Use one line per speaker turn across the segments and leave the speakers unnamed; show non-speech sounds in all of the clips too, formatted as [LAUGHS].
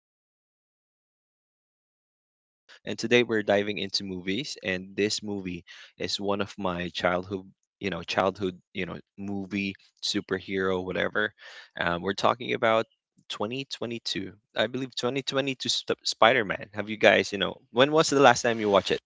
Mm-hmm.
in, relax, and roll with us. And today we're diving into movies, and this movie is one of my childhood, movie, superhero, whatever. We're talking about 2022, I believe 2022 Spider-Man. Have you guys, you know, when was the last time you watched it?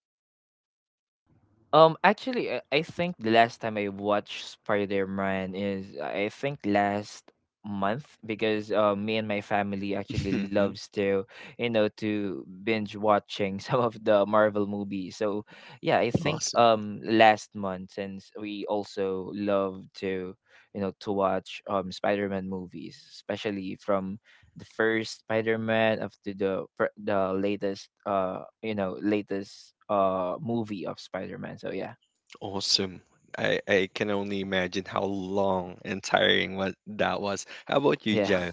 Actually, I think the last time I watched Spider Man is I think last month because me and my family
[LAUGHS]
actually
Mhm.
loves to you know to binge watching [LAUGHS] some of the Marvel movies. So yeah, I think
Awesome.
last month since we also love to you know to watch Spider Man movies, especially from the first Spider-Man up to the latest you know latest movie of Spider-Man. So yeah,
Awesome. I can only imagine how long and tiring what that was. How about you,
yeah.
Joe?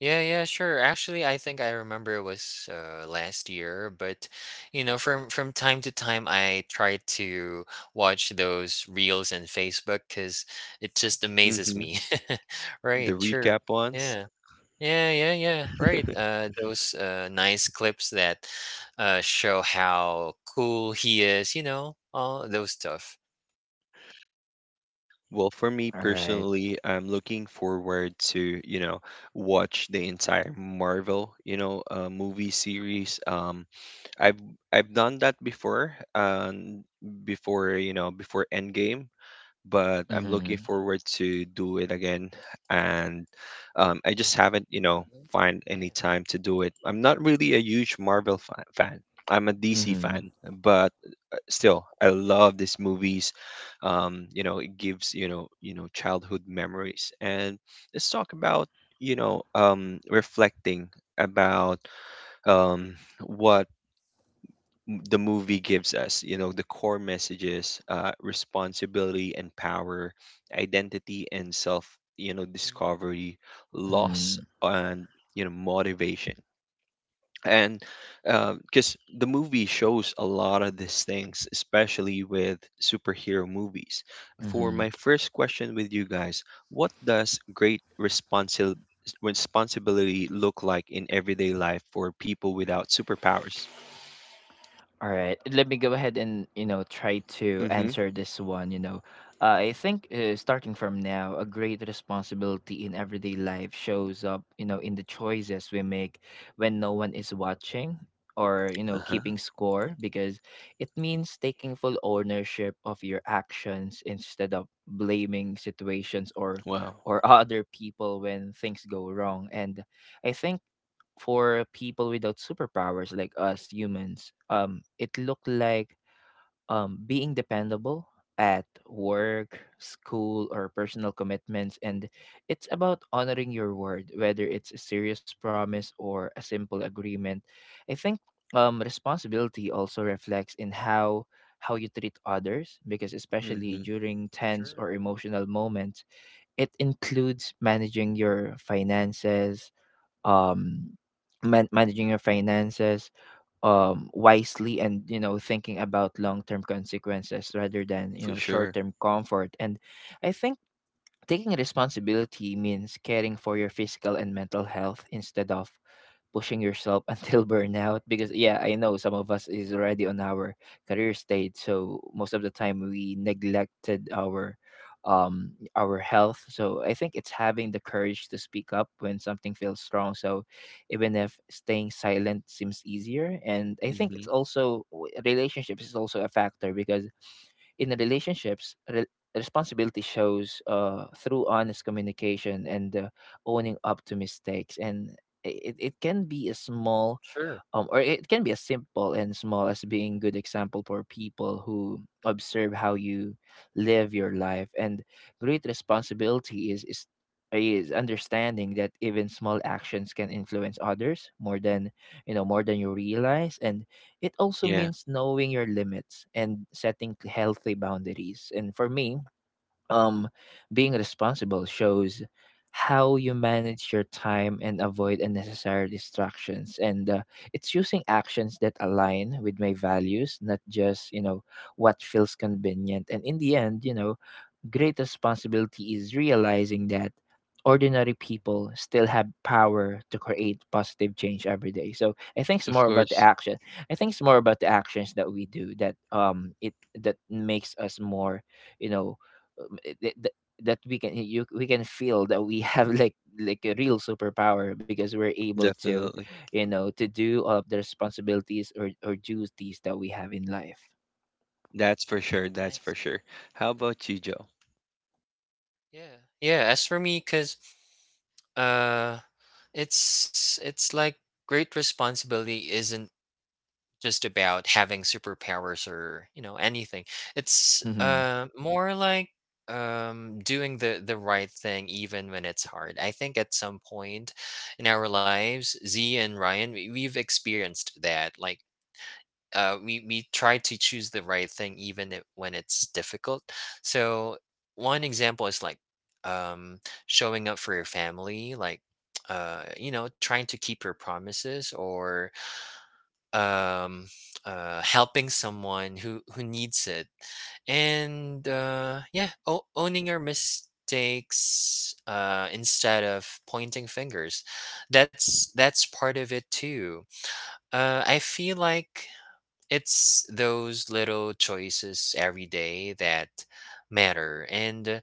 Yeah, yeah, sure. Actually, I think I remember it was last year, but you know, from time to time, I try to watch those reels on Facebook because it just amazes
Mm-hmm.
me. [LAUGHS]
The
Right, sure.
recap ones?
Yeah. Yeah, yeah, yeah. Right.
[LAUGHS]
Those nice clips that show how cool he is, you know, all those stuff.
Well, for me
[LAUGHS] All right.
personally, I'm looking forward to, you know, watch the entire Marvel, you know, movie series. I've I've done that before, before, you know, before Endgame. But I'm looking
Mm-hmm.
forward to do it again. And I just haven't, you know,
Nice.
find
Yeah.
any time to do it. I'm not really a huge Marvel fan. I'm a DC
Mm-hmm.
fan, but still, I love these movies. You know, it gives you know, childhood memories. And let's talk about you know, reflecting about um, what the movie gives us, you know, the core messages, responsibility and power, identity and self, you know,
Mm-hmm.
discovery, loss and, you know, motivation. And because the movie shows a lot of these things, especially with superhero movies, for
Mm-hmm.
my first question with you guys, what does great responsibility look like in everyday life for people without superpowers?
All right, let me go ahead and you know try to
Mm-hmm.
answer this one. You know, I think starting from now, a great responsibility in everyday life shows up. You know, in the choices we make when no one is watching or you know keeping score, because it means taking full ownership of your actions instead of blaming situations or
Wow.
or [LAUGHS] other people when things go wrong. And I think for people without superpowers like us humans, it looked like being dependable at work, school, or personal commitments. And it's about honoring your word, whether it's a serious promise or a simple agreement. I think responsibility also reflects in how you treat others, because especially
Mm-hmm.
during tense
Sure.
or emotional moments it includes managing your finances um managing your finances wisely and you know thinking about long-term consequences rather than you
For
know
sure.
short-term comfort. And I think taking responsibility means caring for your physical and mental health instead of pushing yourself [LAUGHS] until burnout, because yeah I know some of us is already on our career stage, so most of the time we neglected um our health. So I think it's having the courage to speak up when something feels strong, so even if staying silent seems easier. And I think it's
Mm-hmm.
also relationships is also a factor, because in the relationships responsibility shows through honest communication and owning up to mistakes. And it can be a small
Sure.
or it can be as simple and small as being good example for people who observe how you live your life. And great responsibility is understanding that even small actions can influence others more than you know more than you realize. And it also
Yeah,
means knowing your limits and setting healthy boundaries. And for me, um being responsible shows how you manage your time and avoid unnecessary distractions. And it's using actions that align with my values, not just you know what feels convenient. And in the end, you know, great responsibility is realizing that ordinary people still have power to create positive change every day. So I think it's
of
more about the
course.
action. I think it's more about the actions that we do that it that makes us more, you know, that we can feel that we [LAUGHS] have like a real superpower, because we're able to
Definitely.
you know to do all of the responsibilities or duties that we have in life.
That's for sure. That's
Nice.
for sure. How about you, Joe?
Yeah. Yeah. As for me, because uh, it's like great responsibility isn't just about having superpowers or you know anything. It's
Mhm.
more like doing the right thing even when it's hard. I think at some point in our lives, Z and Ryan, we've experienced that. Like we try to choose the right thing even it, when it's difficult. So one example is like um, showing up for your family, like you know, trying to keep your promises or um, helping someone who needs it, and yeah, owning your mistakes instead of pointing fingers. That's part of it too. I feel like it's those little choices every day that matter, and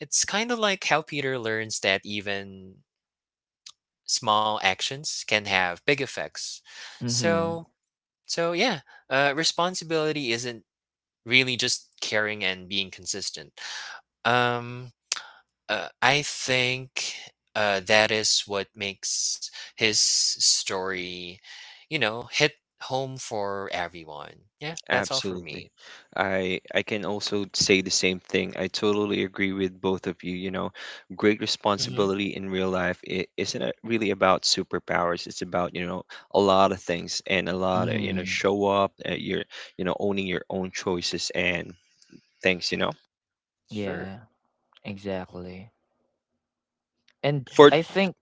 it's kind of like how Peter learns that even small actions can have big effects.
Mhm.
So so yeah, responsibility isn't really just caring and being consistent. um I think that is what makes his story, you know, hit home for everyone. Yeah, that's all for
Absolutely.
me.
I can also say the same thing. I totally agree with both of you. You know, great
Mm-hmm.
responsibility in real life it isn't really about superpowers. It's about, you know, a lot of things and a lot of, you know,
Mhm.
show up, your, you know, owning your own choices and things, you know.
Sure,
Yeah. Exactly. And
For
I think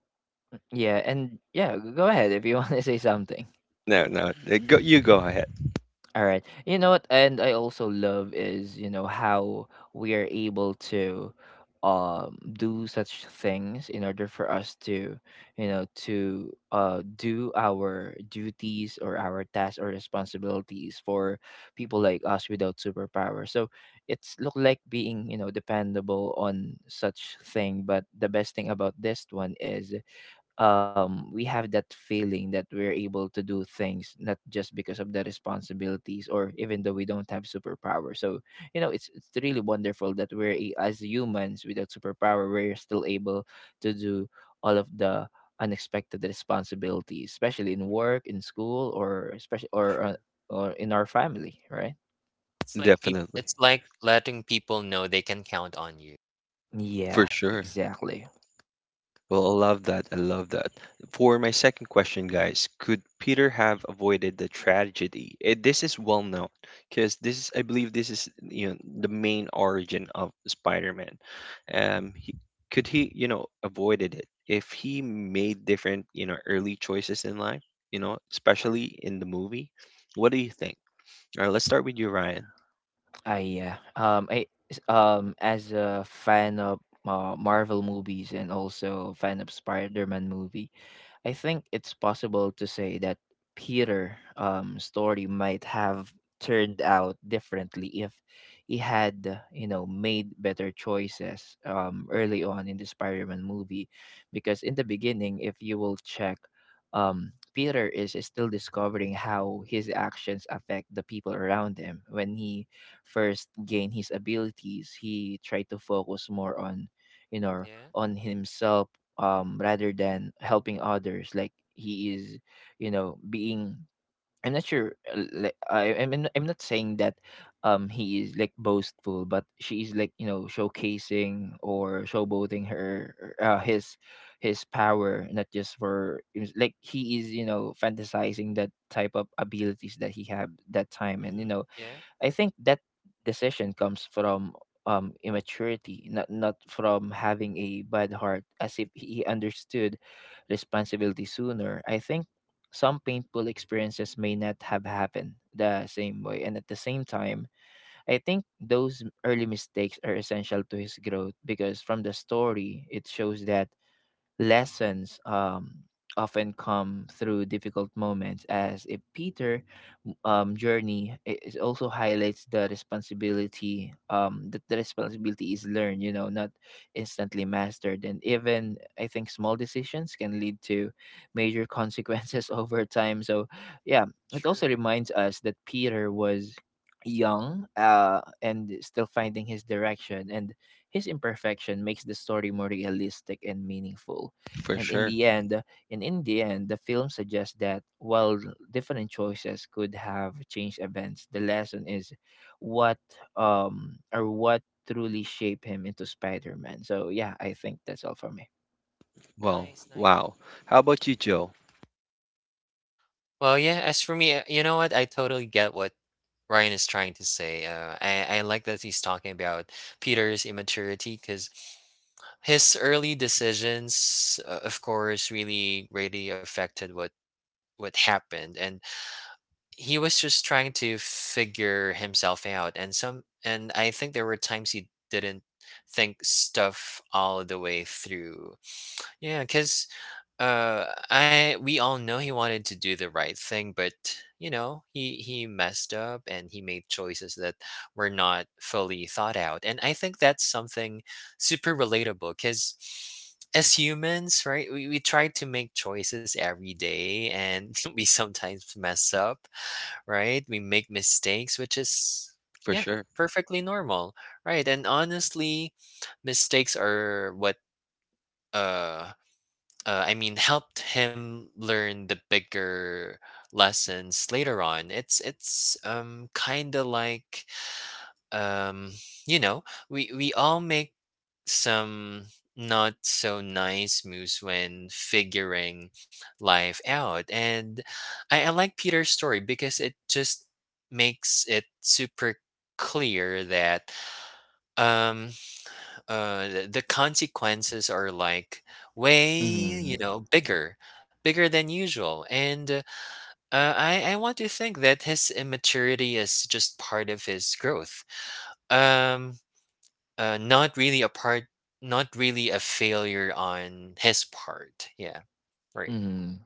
yeah, and yeah, go ahead if you [LAUGHS] want to say something.
no, no. Go, you go ahead.
All right. You know what and I also love is, you know, how we are able to do such things in order for us to, you know, to do our duties or our tasks or responsibilities for people like us without superpower. So it's look like being, you know, dependable on such thing, but the best thing about this one is we have that feeling that we're able to do things not just because of the responsibilities or even though we don't have superpower. So you know, it's really wonderful that as humans without superpower, we're still able to do all of the unexpected responsibilities, especially in work, in school, or especially
sure.
or in our family, right?
Definitely.
It's like letting people know they can count on you.
For
Yeah,
sure.
exactly.
Well, I love that. I love that. For my second question, guys, could Peter have avoided the tragedy? It, this is well known because this is, I believe, this is you know the main origin of Spider-Man. He, could he, you know, avoided it if he made different, you know, early choices in life, you know, especially in the movie? What do you think? All right, let's start with you, Ryan.
As a fan of Marvel movies and also fan of Spider-Man movie, I think it's possible to say that Peter story might have turned out differently if he had you know made better choices early on in the Spider-Man movie, because in the beginning if you will check Peter is still discovering how his actions affect the people around him. When he first gained his abilities he tried to focus more on you know
Yeah.
on himself rather than helping others, like he is you know being I'm not sure like I I'm, I mean, I'm not saying that he is like boastful, but she is like you know showcasing or showboating her his power, not just for it's like he is you know fantasizing that type of abilities that he had that time. And you
Mm-hmm.
know
Yeah.
I think that decision comes from immaturity, not from having a bad heart, as if he understood responsibility sooner. I think some painful experiences may not have happened the same way, and at the same time, I think those early mistakes are essential to his growth, because from the story, it shows that lessons often come through difficult moments, as if peter journey it is also highlights the responsibility, that the responsibility is learned you know not instantly mastered. And even I think small decisions can lead to major consequences [LAUGHS] over time, so yeah it also
Sure.
reminds us that peter was young and still finding his direction, and his imperfection makes the story more realistic and meaningful.
For
And in
sure.
the end, and in the end, the film suggests that while different choices could have changed events, the lesson is what or what truly shaped him into Spider-Man. So yeah, I think that's all for me.
Well,
Nice, nice.
wow. How about you, Joe?
Well, yeah. As for me, you know what? I totally get what Ryan is trying to say. I like that he's talking about Peter's immaturity because his early decisions, of course, really affected what happened. And he was just trying to figure himself out, and I think there were times he didn't think stuff all the way through. Yeah, because I we all know he wanted to do the right thing, but you know, he messed up and he made choices that were not fully thought out. And I think that's something super relatable, because as humans, right, we try to make choices every day, and [LAUGHS] we sometimes mess up, right? We make mistakes, which is,
For
yeah,
sure.
perfectly normal, right? And honestly, mistakes are what, uh, I mean, [LAUGHS] helped him learn the bigger lessons later on. It's kind of like, um you know, we all make some not so nice moves when figuring life out. And I like Peter's story because it just makes it super clear that um the consequences are like, way,
Mm-hmm.
you know, bigger, bigger than usual. And I want to think that his immaturity is just part of his growth, um not really a part, not really a failure on his part. Yeah, right.
Mm-hmm.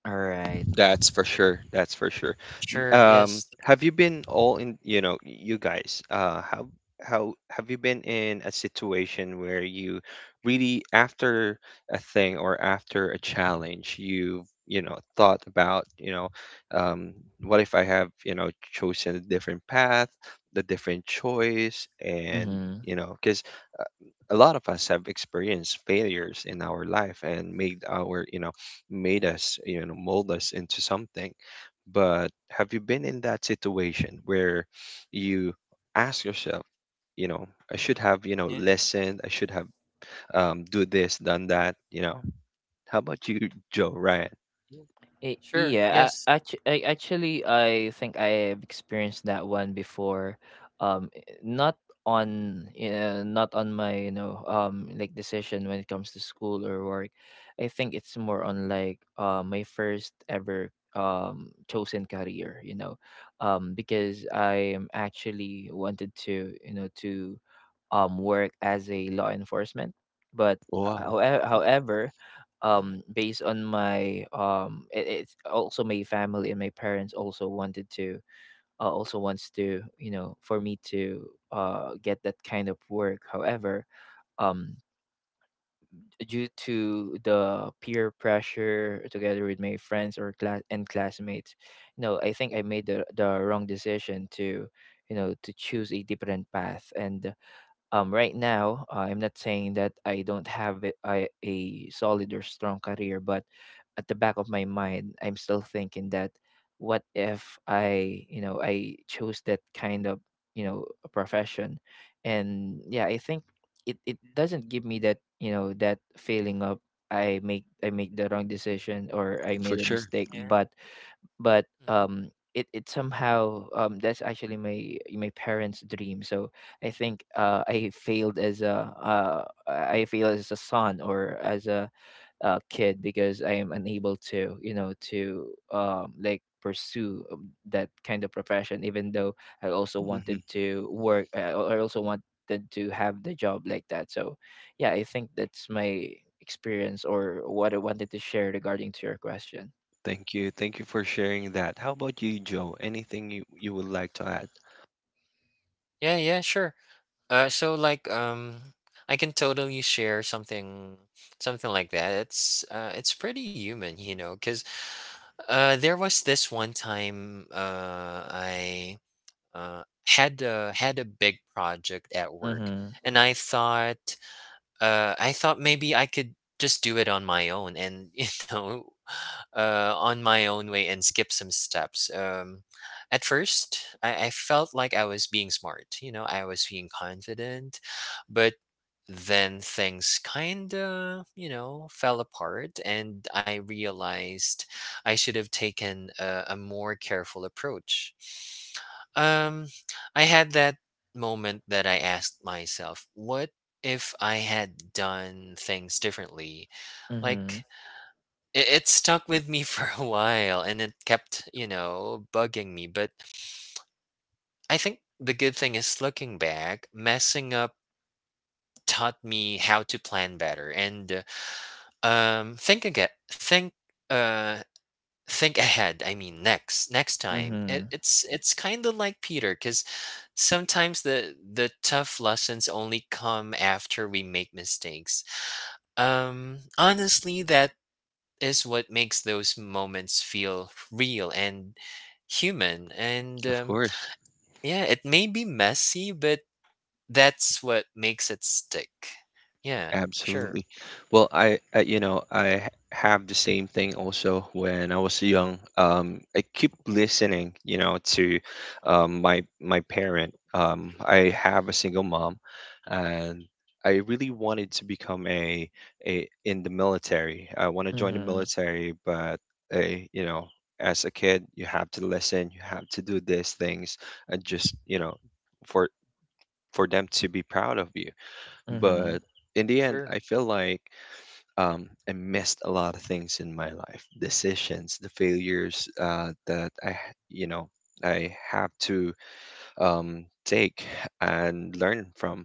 All right.
That's for sure. That's for sure.
Sure.
And
Yes.
have you been all in, you know, you guys, how have you been in a situation where you really after a thing or after a challenge, you've, you know, thought about, you know, um, what if I have, you know, chosen a different path, a different choice, and
Mm-hmm.
you know, because a lot of us have experienced failures in our life and made our you know made us you know mold us into something, but have you been in that situation where you ask yourself, you know, I should
Mm-hmm.
have, you know,
Yeah,
listened, I should have do this, done that, you know? How about you, Joe Ryan?
yeah.
Eh,
Sure.
yeah,
Yes.
I, actually, I think I've experienced that one before. Not on, not on my, you know, like decision when it comes to school or work. I think it's more on like my first ever chosen career, you know, because I am actually wanted to, you know, to work as a law enforcement, but
Wow,
however
Mm-hmm.
based on my it's also my family and my parents also wanted to also wants to you know for me to get that kind of work. However, um due to the peer pressure together with my friends or classmates, no I think I made the wrong decision to you know to choose a different path. And right now I'm not saying that I don't have it, I, a solid or strong career, but at the back of my mind I'm still thinking that what if I you know I chose that kind of you know profession. And yeah I think it doesn't give me that you know that feeling of I make the wrong decision or I made
for
a
sure.
mistake,
Yeah.
but
Mm-hmm.
it somehow that's actually my my parents dream. So I think I failed as a son or as a, kid, because I am unable to you know to like pursue that kind of profession, even though I also
Hmm.
wanted to work I also wanted to have the job like that. So yeah I think that's my experience or what I wanted to share regarding to your question.
Thank you. Thank you for sharing that. How about you, Joe? Anything you, you would like to add?
Yeah. Yeah. Sure. So like I can totally share something, something like that. It's pretty human, you know, because there was this one time I uh had a big project at work,
Mm-hmm.
and I thought maybe I could just do it on my own and, [LAUGHS] you know, on my own way and skip some steps. At first, I felt like I was being smart, you know, I was being confident, but then things kind of, you know, fell apart, and I realized I should have taken a more careful approach. Um, I had that moment that I asked myself, what if I had done things differently,
Mm-hmm.
like it stuck with me [LAUGHS] for a while and it kept, you know, bugging me. But I think the good thing is, looking back, messing up taught me how to plan better and think again uh think ahead, I mean next next time.
Mhm.
It's kind of like Peter, because sometimes the tough lessons only come after we make mistakes. Honestly, that is what makes those moments feel real and human. And
Of course.
yeah, it may be messy, but that's what makes it stick. Yeah, sure,
Absolutely. Well, uh, you know, have the same thing also when I was young. I keep listening, you know, to my my parent. I have a single mom, and I really wanted to become a in the military. I want to join the
Mhm.
military, but a, you know, as a kid, you have to listen, you have to do these things, and just, you know, for for them to be proud of you,
Mhm.
but in the end,
sure,
I feel like I missed a lot of things in my life, decisions, the failures that you know, I have to take and learn from.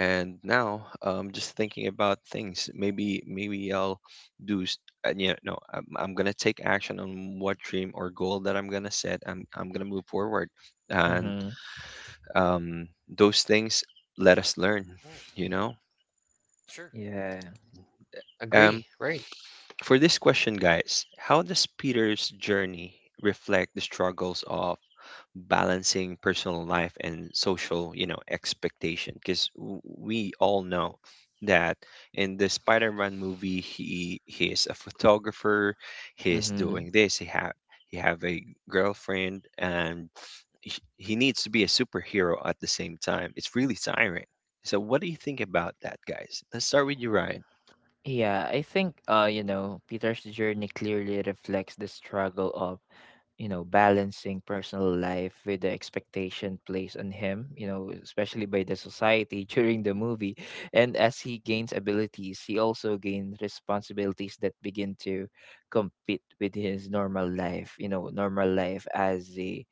And now, just thinking about things, maybe maybe do, s- you know, no, I'm gonna take action on what dream or goal that I'm gonna set. I'm gonna move forward, and
Mhm.
um, those things let us learn,
yeah,
you know.
sure.
Yeah.
Um,
Agree, right?
For this question, guys, how does Peter's journey reflect the struggles of balancing personal life and social, you know, expectation? Because we all know that in the Spider-Man movie, he is a photographer. He's
Mhm.
doing this. He have a girlfriend, and he, he needs to be a superhero at the same time. It's really tiring. So, what do you think about that, guys? Let's start with you, Ryan,
Yeah, I think you know, Peter's journey clearly reflects the struggle of, you know, balancing personal life with the expectation placed on him, you know, especially by the society [LAUGHS] during the movie. And as he gains abilities, he also gains responsibilities that begin to compete with his normal life, you know, normal life as a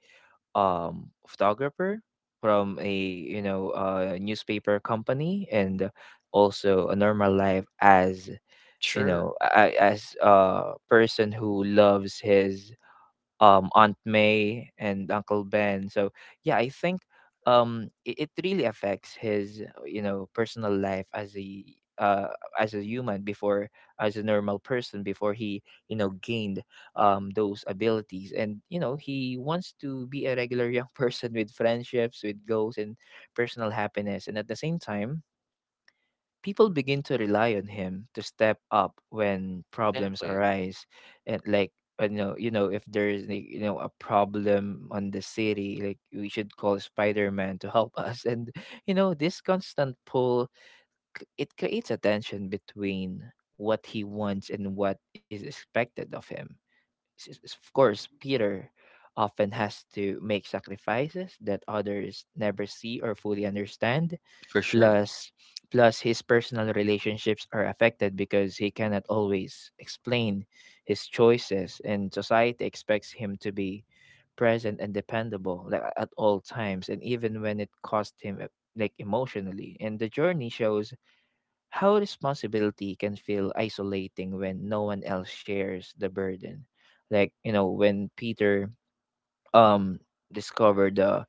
photographer from a you know newspaper company, and also a normal life as you
Sure,
know as a person who loves his Aunt May and Uncle Ben. So yeah, I think
right,
it really affects his personal life uh, as a human before, as a normal person before he gained those abilities, and you know he wants to be a regular young [LAUGHS] person with friendships, with goals, and personal happiness. And at the same time, people begin to rely on him to step up when problems
exactly.
arise. And like you know, if there is like, you know, a problem on the city, like we should call Spider-Man to help [LAUGHS] us. And you know, this constant pull, it creates a tension between what he wants and what is expected of him. Of course, Peter often has to make sacrifices that others never see or fully understand.
for sure.
Plus, Plus, his personal relationships are affected because he cannot always explain his choices, and society expects him to be present and dependable, like, at all times, and even when it cost him like emotionally. And the journey shows how responsibility can feel isolating when no one else shares the burden. Like, you know, when Peter um discovered the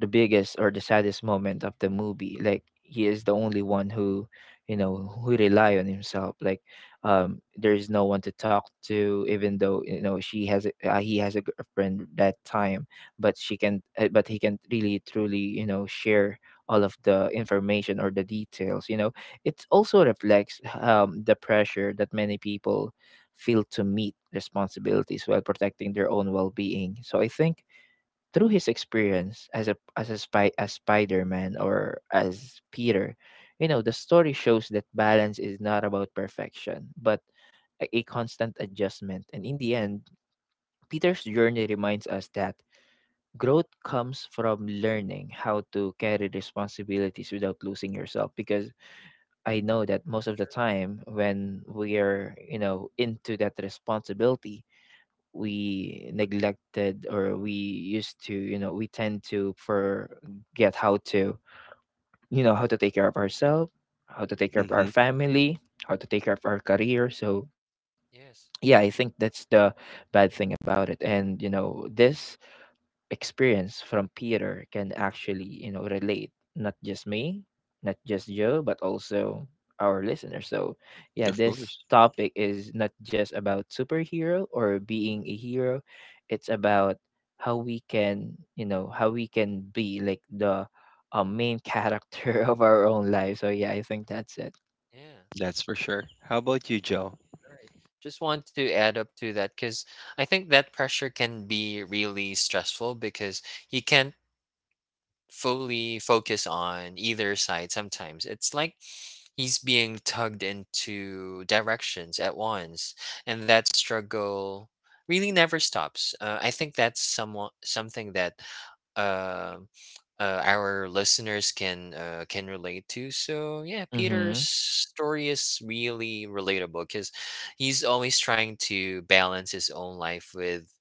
biggest or the saddest moment of the movie. Like, he is the only one who, you know, who rely on himself. Like there is no one to talk to, even though you know she has a, he has a girlfriend that time, but she can, but he can really truly you know share all of the information or the details. You know, it also reflects the pressure that many people feel to meet responsibilities while protecting their own well-being. So I think through his experience as a spy, as Spider-Man or as Peter, you know, the story shows that balance is not about perfection, but a constant adjustment. And in the end, Peter's journey reminds us that growth comes from learning how to carry responsibilities without losing yourself, because I know that most of the time when we are, you know, into that responsibility, we neglected, or we used to you know we tend to forget how to, you know, how to take care of ourselves, how to take care of
Hmm.
our family, how to take care of our career. So yeah, I
Yes,
think that's the bad thing about it. And you know, this experience from Peter can actually, you know, relate not just me, not just Joe, but also our listeners. So, yeah,
Of
this
course.
topic is not just about superhero or being a hero. It's about how we can, you know, how we can be like the main character [LAUGHS] of our own life. So, yeah, I think that's it.
yeah,
That's for sure. How about you, Joe?
right. Just want to add up to that, because I think that pressure can be really stressful, because you can not fully focus on either side sometimes. It's like he's being tugged into directions at once, and that struggle really never stops. I think that's somewhat something that uh, our listeners can relate to. So yeah, Peter's
Mhm.
story is really relatable, because he's always trying to balance his own life with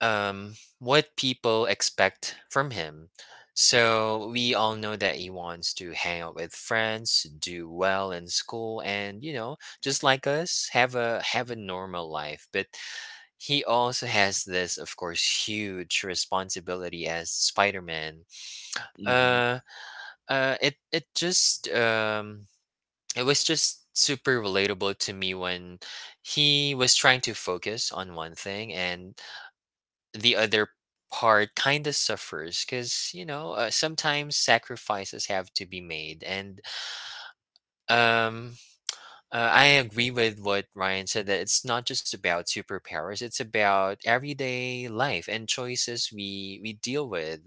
um, what people expect from him. So we all know that he wants to hang out with friends, do well in school, and you know, just like us, have a normal life. But he also has this, of course, huge responsibility as Spider-Man.
Hmm.
Uh, it it just it was just super relatable to me when he was trying to focus on one thing, and the other part kind of suffers, because you know, sometimes sacrifices have to be made. And um I agree with what Ryan said, that it's not just about superpowers, it's about everyday life and choices we deal with,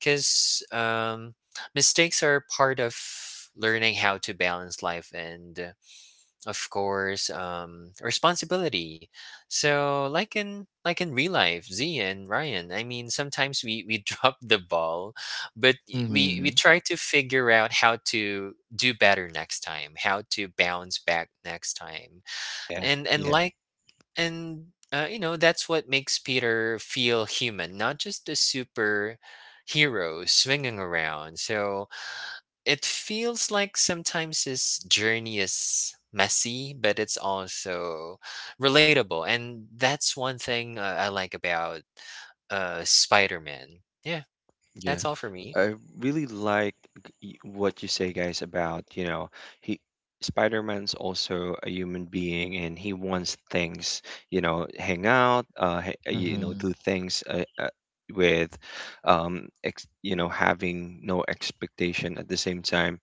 because mistakes are part of learning how to balance life and, of course, responsibility. So, like in real life, Z and Ryan. I mean, sometimes we [LAUGHS] drop the ball, but we
Mhm.
try to figure out how to do better next time, how to bounce back next time,
Yeah,
and and
yeah.
like and you know, that's what makes Peter feel human, not just a super hero swinging around. So it feels like sometimes his journey is messy, but it's also relatable, and that's one thing I like about Spider-Man. Yeah,
Yeah.
that's all for me.
I really like what you say, guys, about, you know, he Spider-Man's also a human being and he wants things, you know, hang out, you know,
Mhm.
do things with, ex you know, having no expectation at the same time,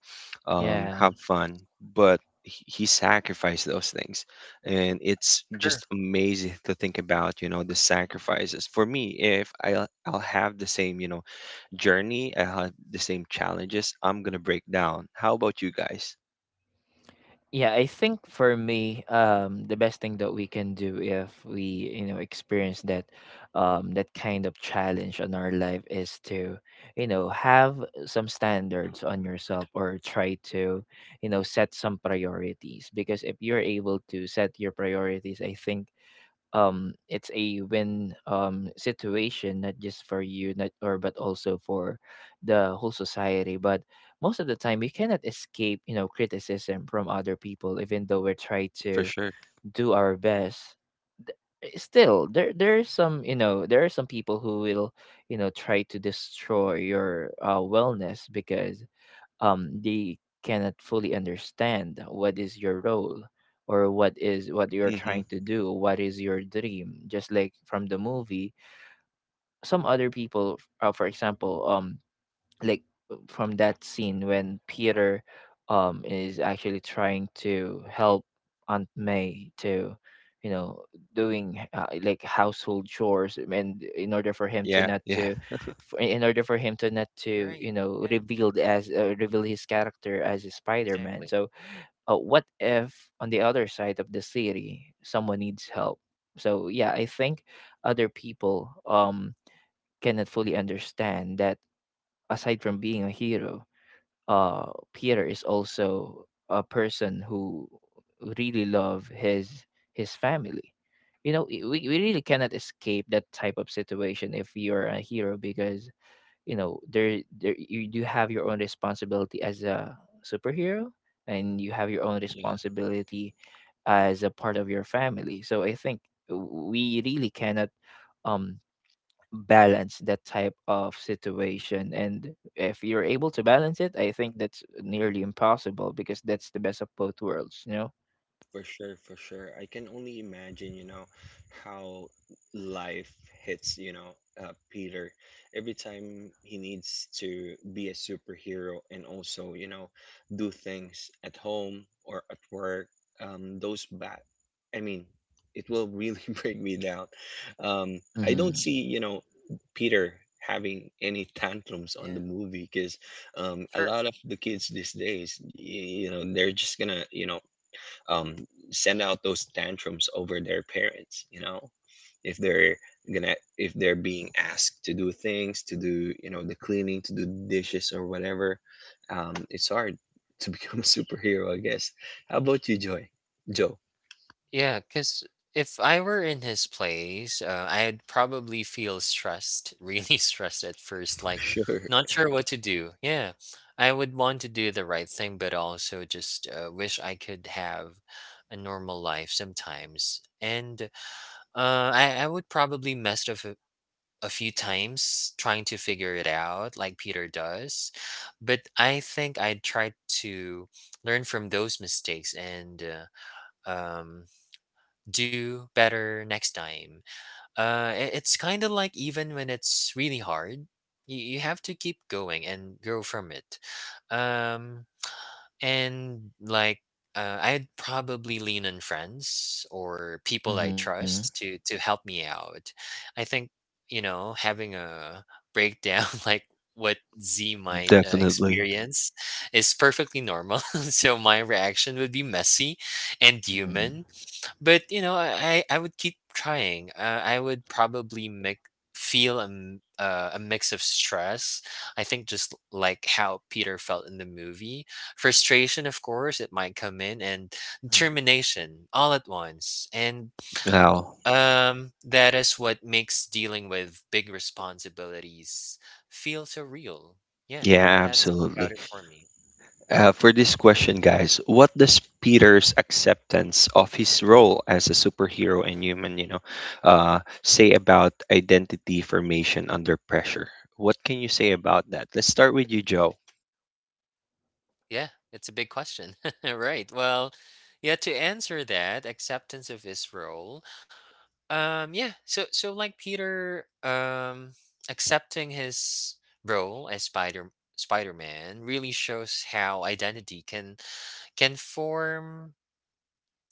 Yeah.
have fun, but he sacrificed those things. And it's
Sure.
just amazing to think about, you know, the sacrifices. For me, if I'll have the same, you know, journey. I had the same challenges. I'm gonna break down. How about you guys?
Yeah, I think for me, the best thing that we can do, if we, you know, experience that, that kind of challenge on our life, is to, you know, have some standards on yourself, or try to, you know, set some priorities. Because if you're able to set your priorities, I think it's a win situation, not just for you not, or but also for the whole society. But most of the time we cannot escape you know criticism from other people, even though we're trying
For
to
sure.
do our best. Th- Still, there are some, you know, there are some people who will you know try to destroy your wellness, because they cannot fully understand what is your role, or what is what you're
Mm-hmm.
trying to do, what is your dream. Just like from the movie, some other people, for example, like from that scene when Peter is actually trying to help Aunt May to, you know, doing like household chores, and in order for him to
Yeah,
not
yeah.
to, in order for him to not to you
Right.
know
Yeah,
revealed as reveal his character as a Spider-Man.
exactly.
So what if on the other side of the city someone needs help? So yeah, I think other people cannot fully understand that aside from being a hero, Peter is also a person who really love his family. You know, we really cannot escape that type of situation if you're a hero, because you know there you do have your own responsibility as a superhero, and you have your own responsibility as a part of your family. So I think we really cannot um balance that type of situation. And if you're able to balance it, I think that's nearly impossible, because that's the best of both worlds, you know.
For sure, for sure. I can only imagine, you know, how life hits, you know, Peter every time he needs to be a superhero and also, you know, do things at home or at work. Those bad, I mean, it will really [LAUGHS] break me down.
Mm-hmm.
I don't see, you know, Peter having any tantrums on the
Yeah.
movie because a
Sure.
lot of the kids these days, you know, they're just gonna, you know, um, send out those tantrums over their parents, you know, if they're gonna, if they're being asked to do things, to do, you know, the cleaning, to do the dishes or whatever. It's hard [LAUGHS] to become a superhero, I guess. How about you, joy, Joe?
Yeah, because if I were in his place, I'd probably feel stressed, [LAUGHS] really stressed at first, like
Sure.
not sure what to do. Yeah, I would want to do the right thing, but also just wish I could have a normal life sometimes. And I would probably mess up a few times trying to figure it out, like Peter does. But I think I'd try to learn from those mistakes. And. Um do better next time. It's kind of like, even when it's really hard, you have to keep going and grow from it. Um, and like, I'd probably lean on friends or people I
Mm-hmm.
trust to help me out. I think, you know, having a breakdown [LAUGHS] like what Z might
Definitely.
experience is perfectly normal. [LAUGHS] So my reaction would be messy and
Mm-hmm.
human, but you know, I would keep trying. I would probably make feel a mix of stress, I think, just like how Peter felt in the movie. Frustration, of course, it might come in, and determination, all at once. And
Al.
that is what makes dealing with big responsibilities feel so real. Yeah,
Yeah,
that's
absolutely.
about it for me.
For this question, guys, what does Peter's acceptance of his role as a superhero and human, you know, say about identity formation under pressure? What can you say about that? Let's start with you, Joe.
Yeah, it's a big question. [LAUGHS] Right. Well, yeah, to answer that, acceptance of his role. Yeah, so so like Peter accepting his role as Spider-Man really shows how identity can form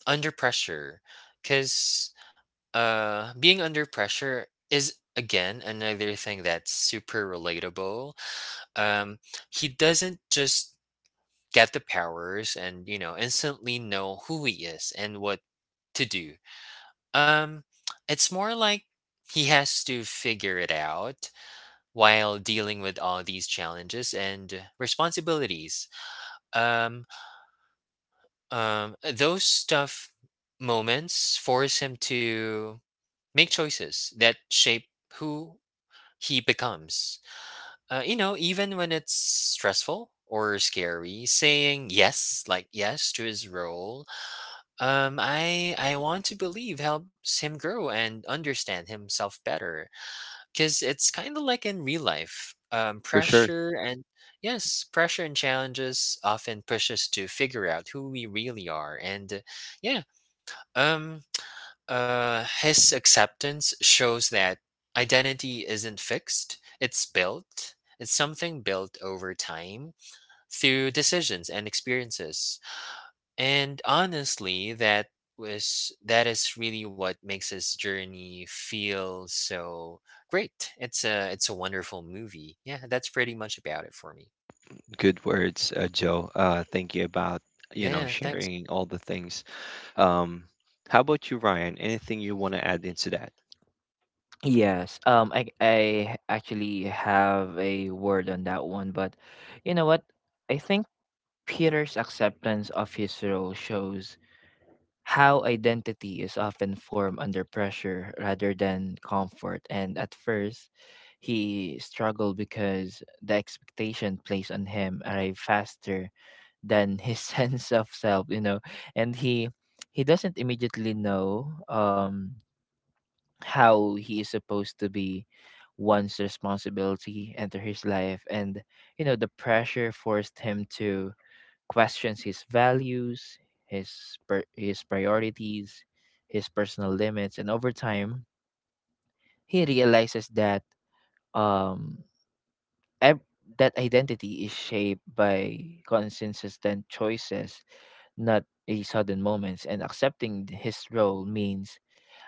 under pressure. Cuz being under pressure is again another thing that's super relatable. Um, he doesn't just get the powers and, you know, instantly know who he is and what to do. um it's more like he has to figure it out while dealing with all these challenges and responsibilities. um those tough moments force him to make choices that shape who he becomes. You know, even when it's stressful or scary, saying yes, like yes to his role, I want to believe helps him grow and understand himself better. Because it's kind of like in real life.
For sure,
Pressure and yes, pressure and challenges often push us to figure out who we really are, and yeah, um, [TSK] his acceptance shows that identity isn't fixed; it's built. It's something built over time through decisions and experiences. And honestly, that is really what makes this journey feel so great. It's a wonderful movie. Yeah, that's pretty much about it for me.
good words, Joe. Thank you about you know
Yeah, thanks.
sharing all the things. Um, how about you, Ryan? Anything you want to add into that?
Yes. I actually have a word on that one, but you know what? I think Peter's acceptance of his role shows how identity is often formed under pressure rather than comfort. And at first, he struggled because the expectation placed on him arrived faster than his [LAUGHS] sense of self, you know. And he doesn't immediately know how he is supposed to be. One's responsibility enter his life, and you know the pressure forced him to questions his values, his priorities, his personal limits. And over time, he realizes that um ev- that identity is shaped by consistent choices, not a sudden moments. And accepting his role means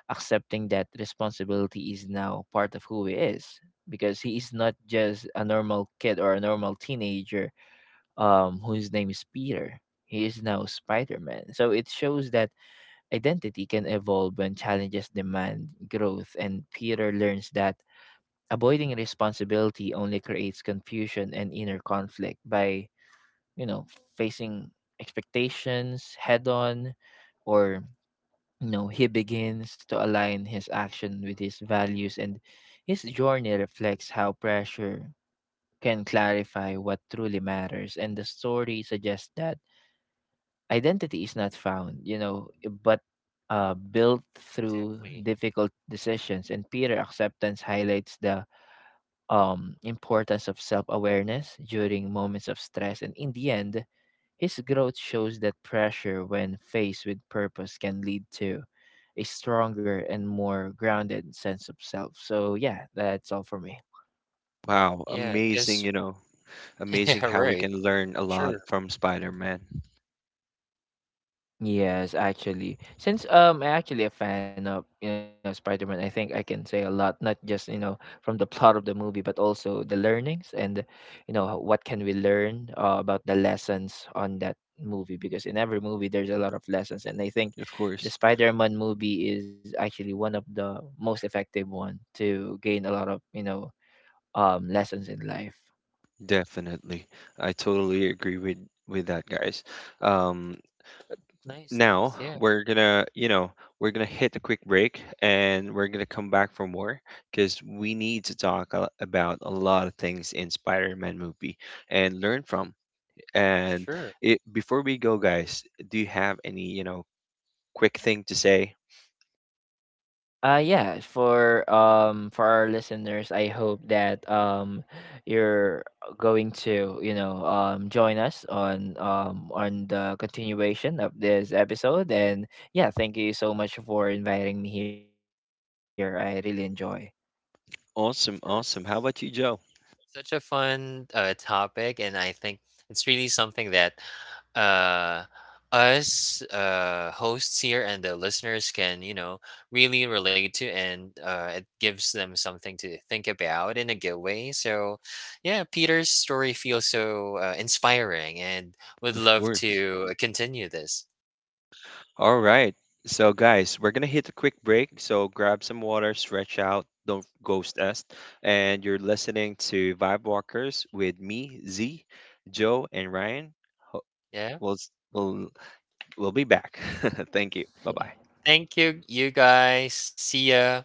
accepting that responsibility is now part of who he is, because he is not just a normal kid or a normal teenager whose name is Peter. He is now Spider Man. So it shows that identity can evolve when challenges demand growth, and Peter learns that avoiding responsibility only creates confusion and inner conflict. By, you know, facing expectations head on, or, you know, he begins to align his action with his values. And his journey reflects how pressure can clarify what truly matters, and the story suggests that identity is not found, you know, but built through
Exactly.
difficult decisions. And Peter acceptance highlights the importance of self awareness during moments of stress. And in the end, his growth shows that pressure, when faced with purpose, can lead to a stronger and more grounded sense of self. So, yeah, that's all for me.
Wow,
Yeah,
amazing!
because
You know,
[LAUGHS]
amazing
yeah,
how we
right.
can learn a lot
Sure.
from Spider-Man.
Yes, actually. Since I'm actually a fan of, you know, Spider-Man, I think I can say a lot, not just, you know, from the [LAUGHS] plot of the movie, but also the learnings and, you know, how- what can we learn about the lessons on that movie. Because in every movie there's a lot of lessons, and I think
Of
the
course.
Spider-Man movie is actually one of the most effective one to gain a lot of, you know, lessons in life.
Definitely. I totally agree with that, guys. Um,
Nice,
Now
nice. Yeah,
we're gonna, you know, we're gonna hit a quick break and we're gonna come back for more because we need to talk about a lot of things in Spider-Man movie and learn from. And
sure.
it, before we go, guys, do you have any, you know, quick thing to say?
Yeah, for for our listeners, I hope that you're going to, you know, join us on the continuation of this episode. And yeah, thank you so much for inviting me here. I really enjoy.
Awesome,
Of course.
awesome. How about you, Joe?
Such a fun topic, and I think it's really something that uh, us hosts here and the listeners can, you know, really relate to, and it gives them something to think about in a good way. So, yeah, Peter's story feels so inspiring, and would
Of
love
course.
to continue this.
All right. So, guys, we're going to hit a quick break. So, grab some water, stretch out, don't ghost us. And you're listening to Vibe Walkers with me, Z, Joe, and Ryan.
Yeah,
We'll, s- we'll, we'll be back. [LAUGHS] Thank you. Bye bye.
[LAUGHS]
thank you, you guys. See ya.